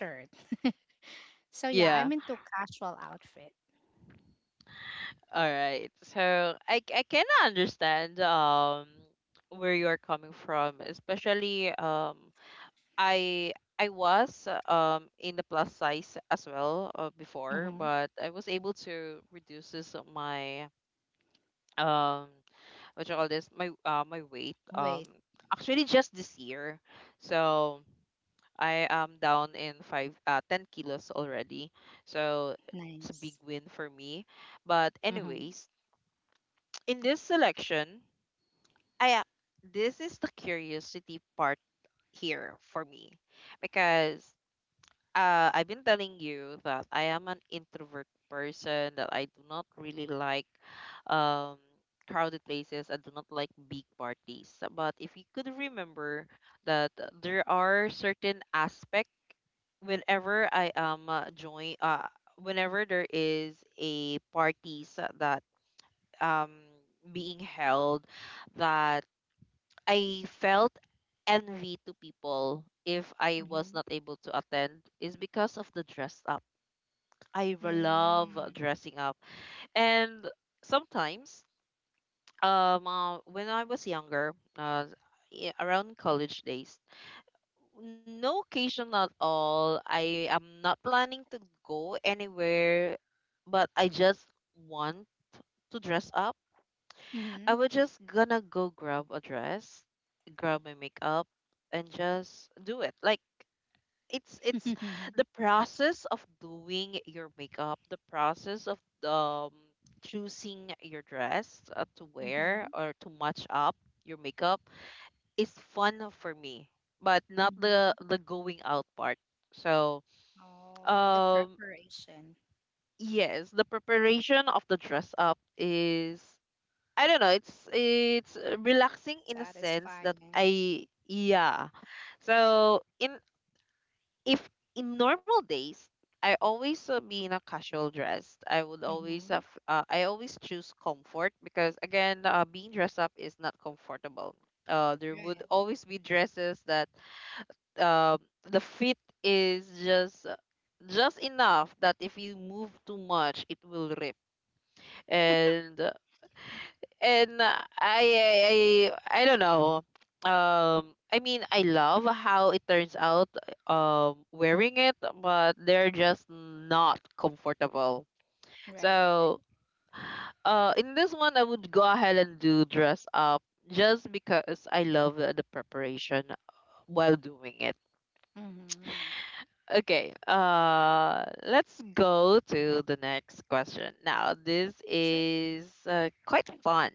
So yeah, I'm yeah. into casual outfit. All right. So I I can understand um where you're coming from, especially um I I was uh, um in the plus size as well uh, before, Mm-hmm. but I was able to reduces my um what you call this, my uh my weight, Wait. um actually, just this year. So I am down in five uh ten kilos already, so it's a Nice. big win for me. But Mm-hmm. anyways, in this selection, i a- this is the curiosity part here for me, because uh, I've been telling you that I am an introvert person, that I do not really like um crowded places. I do not like big parties. But if you could remember that there are certain aspect whenever I am uh, join uh whenever there is a parties that um being held, that I felt envy to people if I was not Mm-hmm. able to attend, is because of the dress up. I r- love Mm-hmm. dressing up. And sometimes, um, uh, when I was younger, uh, yeah, around college days, no occasion at all. I am not planning to go anywhere, but I just want to dress up. Mm-hmm. I was just gonna go grab a dress, grab my makeup, and just do it. Like, it's it's Mm-hmm. the process of doing your makeup, the process of um choosing your dress uh, to wear or to match up your makeup is fun for me, but not Mm-hmm. the the going out part. So, Oh, the um preparation. yes, the preparation of the dress up is, I don't know, it's it's uh, relaxing in a sense that Satisfying. I, yeah. So in, if in normal days, I always uh, be in a casual dress. I would always Mm-hmm. have, uh, I always choose comfort, because again, uh, being dressed up is not comfortable. Uh, there would Right. always be dresses that um the fit is just just enough that if you move too much, it will rip. And and uh, I, I I I don't know. Um, I mean, I love how it turns out um wearing it, but they're just not comfortable. Right. Like, So, uh, in this one, I would go ahead and do dress up just because I love the the preparation while doing it. mm-hmm. Okay, uh, let's go to the next question. Now, this Sure. is uh, quite fun.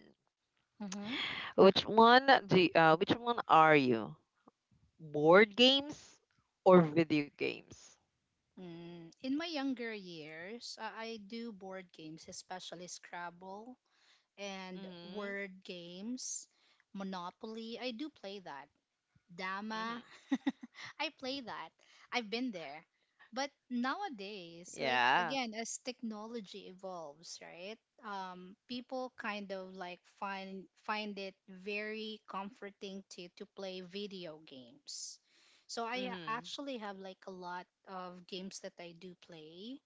Mm-hmm. Which one do y- uh, which one are you? Board games or video games? Mm, in my younger years, uh, I do board games, especially Scrabble and Mhm. word games, Monopoly. I do play that. Mhm. Dama. I play that. I've been there. But Yeah. nowadays, like again, as technology evolves, right? Um, people kind of like find find it very comforting to to play video games. So I Mhm. actually have like a lot of games that I do play.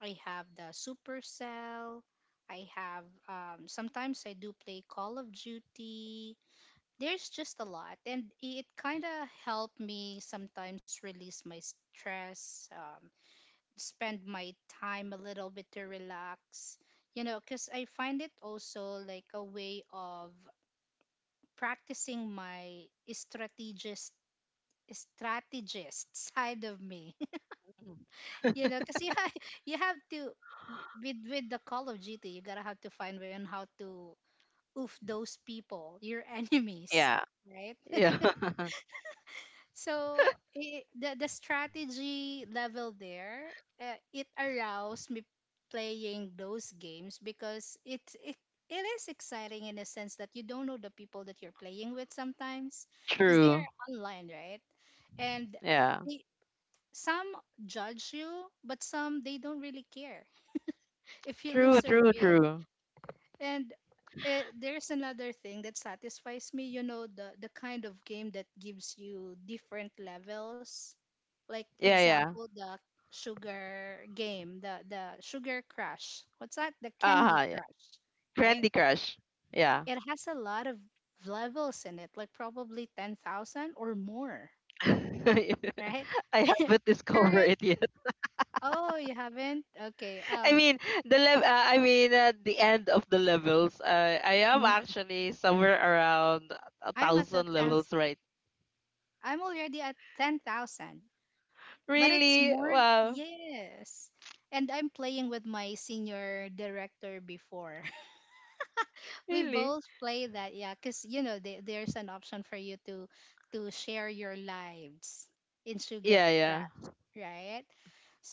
I have the Supercell. I have, um, sometimes I do play Call of Duty. There's just a lot, and it kind of helped me sometimes release my stress, um, spend my time a little bit to relax. You know, because I find it also like a way of practicing my strategist strategist side of me. Mhm. You know, because you, ha- you have to, with with the Call of Duty, you gotta have to find way on how to oof those people, your enemies, Yeah. right? Yeah. So I, the the strategy level there, uh, it aroused me playing those games because it, it it is exciting in a sense that you don't know the people that you're playing with sometimes because they True. are online, right? And Yeah. they, some judge you, but some they don't really care if you True, lose or true, win. true. And uh, there's another thing that satisfies me. You know, the the kind of game that gives you different levels. Like Yeah, yeah. example, the sugar game, the the sugar crush. What's that? The Candy Uh-huh, yeah. Crush, right? Candy Crush. Yeah. It has a lot of levels in it, like probably ten thousand or more, I right? haven't discovered Current. it yet. Oh, you haven't? Okay. I Um, mean, the level. Uh, I mean, at the end of the levels, uh, I am n- actually somewhere around a I'm at the thousand ten, levels right. I'm already at ten thousand. But it's Really? more, Wow. yes. And I'm playing with my senior director before. We Really? both play that, yeah, because you know the- there's an option for you to to share your lives in Yeah, yeah. Sugarcraft, right?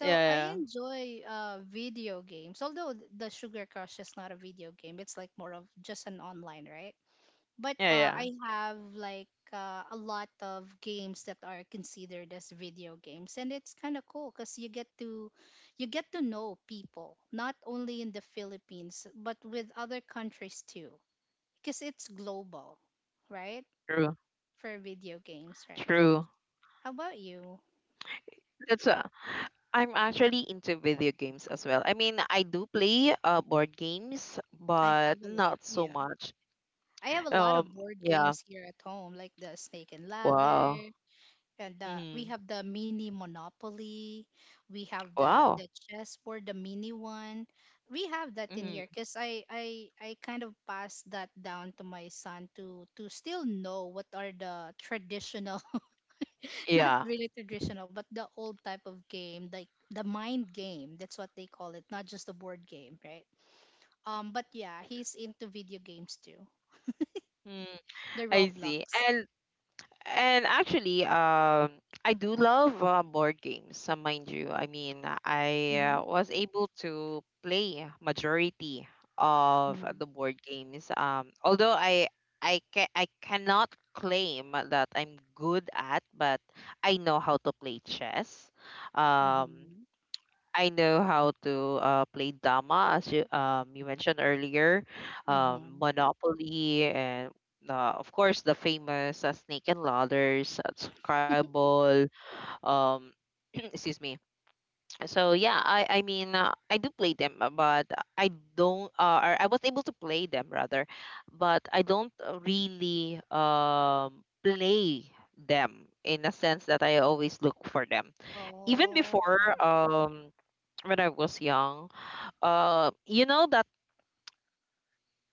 Yeah, I yeah. enjoy uh, video games, although th- the Sugar Crush is not a video game. It's like more of just an online, right? But Yeah, uh, I yeah. have like uh, a lot of games that are considered as video games, and it's kind of cool because you get to, you get to know people not only in the Philippines but with other countries too, because it's global, right? True. For video games, right? True. How about you? That's uh, I'm actually into video games as well. I mean, I do play uh board games, I but have a lot. not so Yeah, much. I have a lot Um, of board yeah. games here at home, like the Snake and Wow. Ladder, and uh, we Mm-hmm. have the mini Monopoly, we have the Wow. the chessboard, the mini one. We have that in here Mm-hmm. because I, I i kind of passed that down to my son to to still know what are the traditional not Yeah. really traditional but the old type of game, like the mind game. That's what they call it, not just the board game, right? um but yeah, he's into video games too. Mm, The I see. Roblox. And And actually, um, I do love uh, board games, uh, mind you. I mean, I Mm-hmm. uh, was able to play majority of Mm-hmm. the board games. Um, although I I ca- I cannot claim that I'm good at, but I know how to play chess. Um, Mm-hmm. I know how to uh, play Dama, as you um you mentioned earlier, um, Mm-hmm. Monopoly, and uh, of course the famous uh, Snake and Ladders, uh, Scrabble. Um, excuse me. So yeah, I I mean uh, I do play them, uh, but I don't. Uh, or I was able to play them rather, but I don't uh, really um play them in a sense that I always look for them even before Oh. um when I was young. Uh, you know that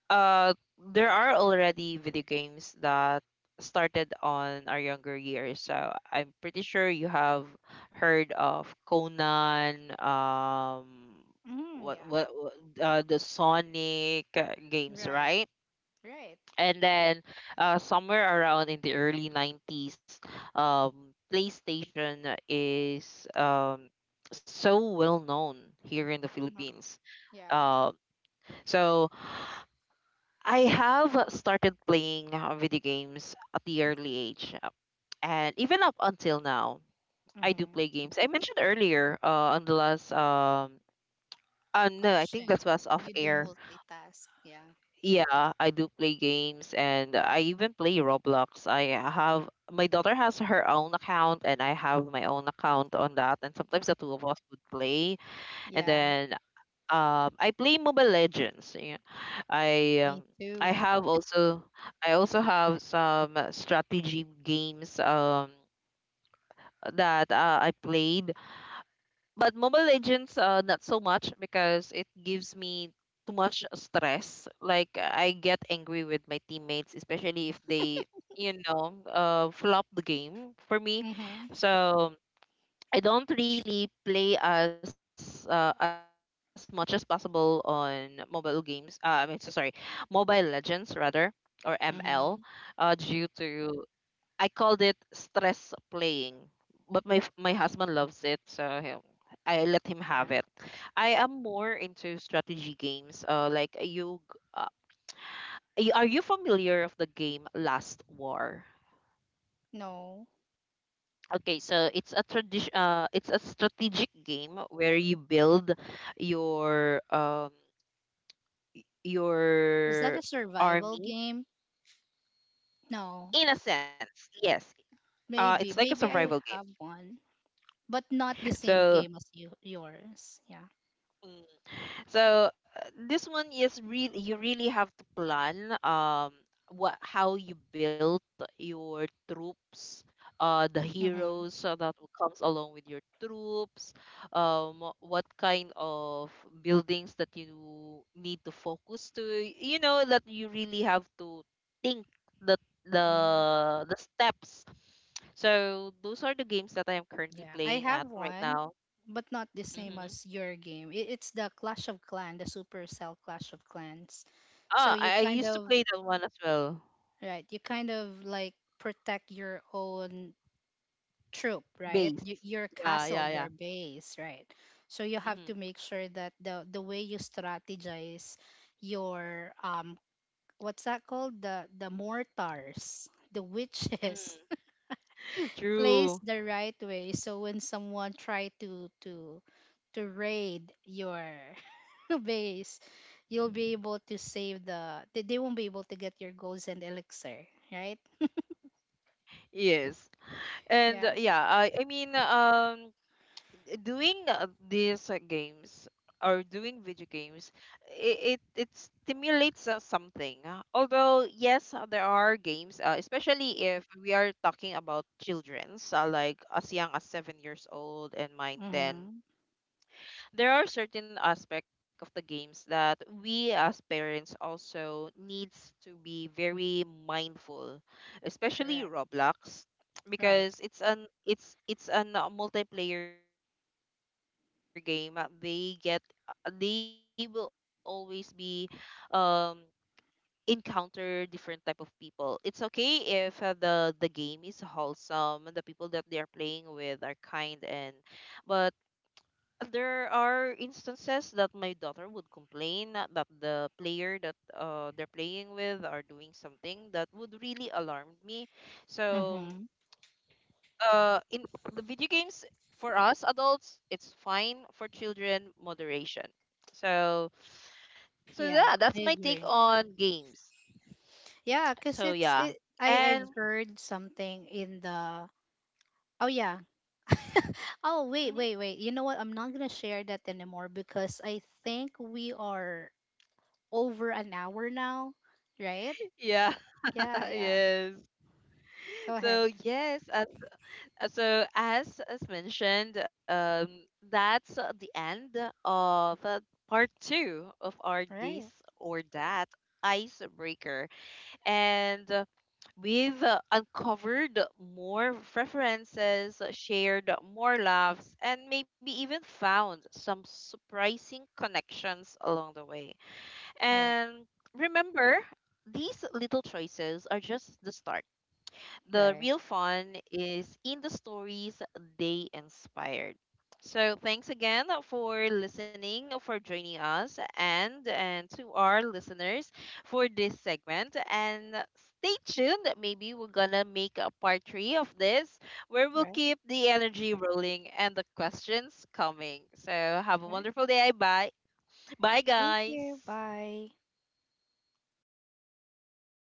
uh, there are already video games that started on our younger years. So I'm pretty sure you have heard of Conan. Um, Mm, what yeah. what, what uh, the Sonic uh, games, Right. right? Right. And then uh, somewhere around in the early nineties, um, PlayStation is, um, so well known here in the No. Philippines, Yeah. um, so I have started playing uh, video games at the early age, uh, and even up until now I do Mm-hmm. play games. I mentioned earlier uh, on the last um, uh, no, I think that Question. was off You do air. multitask. Yeah. Yeah, I do play games, and I even play Roblox. I have my daughter has her own account, and I have my own account on that, and sometimes the two of us would play. And Yeah. then um I play Mobile Legends. Yeah. I Me um, I too. have also, I also have some strategy games um that uh, I played, but Mobile Legends, uh, not so much, because it gives me too much stress. Like I get angry with my teammates, especially if they, you know, uh, flop the game for me. Mm-hmm. So I don't really play as uh, as much as possible on mobile games. Uh, I mean, so sorry, Mobile Legends rather, or M L, uh, Mm-hmm. due to, I called it stress playing, but my f- my husband loves it, so he- I let him have it. Yeah. I am more into strategy games. Uh, like you, g- uh, y- are you familiar of the game Last War? No. Okay, so it's a tradition. Uh, it's a strategic game where you build your um Is that your a survival army game? No. in a sense. Yes, uh, it's like Maybe. a Maybe survival I game. have one, but not the same So. game as you yours. Yeah. So uh, this one is really, you really have to plan um what how you build your troops, uh the Mm-hmm. heroes uh, that will comes along with your troops, um wh- what kind of buildings that you need to focus to. You know that you really have to think the the Mm-hmm. the steps. So those are the games that I am currently Yeah. I playing have at right one, now. but not the same Hmm. as your game. It, it's the Clash of Clans, the Supercell Clash of Clans. So Ah, you I I kind used to of, play that one as well. right. You kind of like protect your own troop, right? Base. Y, your Yeah, castle, yeah, yeah. your base, right? So you have Hmm. to make sure that the the way you strategize your, um what's that called? The the mortars, the witches place True. the right way so when someone try to to to raid your base, you'll be able to save the, they, they won't be able to get your goals and elixir, right? Yes. And Yeah. uh, yeah, I I mean um doing uh, these uh, games or doing video games, it it, it stimulates uh, something. Uh, Although yes, uh, there are games, uh, especially if we are talking about children's, uh, like as young as seven years old and mine ten. Hmm. There are certain aspect of the games that we as parents also needs to be very mindful, especially Correct. Roblox, Right. because it's an it's it's a multiplayer game. Uh, they get, uh, they will always be um encounter different type of people. It's okay if uh, the the game is wholesome and the people that they are playing with are kind, and but there are instances that my daughter would complain that the player that uh, they're playing with are doing something that would really alarm me. So, Mm-hmm. uh, in the video games, for us adults, it's fine. For children, moderation. So, so Yeah, yeah, I that's my take agree. on games. Yeah, cause So it's yeah, it. I and I've heard something in the. Oh yeah. Oh wait, mhm, wait, wait. You know what? I'm not gonna share that anymore because I think we are over an hour now, right? yeah, Yeah, yeah. yes. Go ahead. So yes, uh, Uh, So, as as mentioned, um, that's uh, the end of uh, part two of our this Right. or that icebreaker, and uh, we've uh, uncovered more preferences, uh, shared more laughs, and maybe even found some surprising connections along the way. Right. And remember, these little choices are just the start, the Right. real fun is in the stories they inspired. So thanks again for listening, for joining us, and and to our listeners for this segment. And stay tuned. Maybe we're gonna make a part three of this, where we'll Right. keep the energy rolling and the questions coming. So have a Right. wonderful day. Bye. Bye, Thank guys. you. Bye.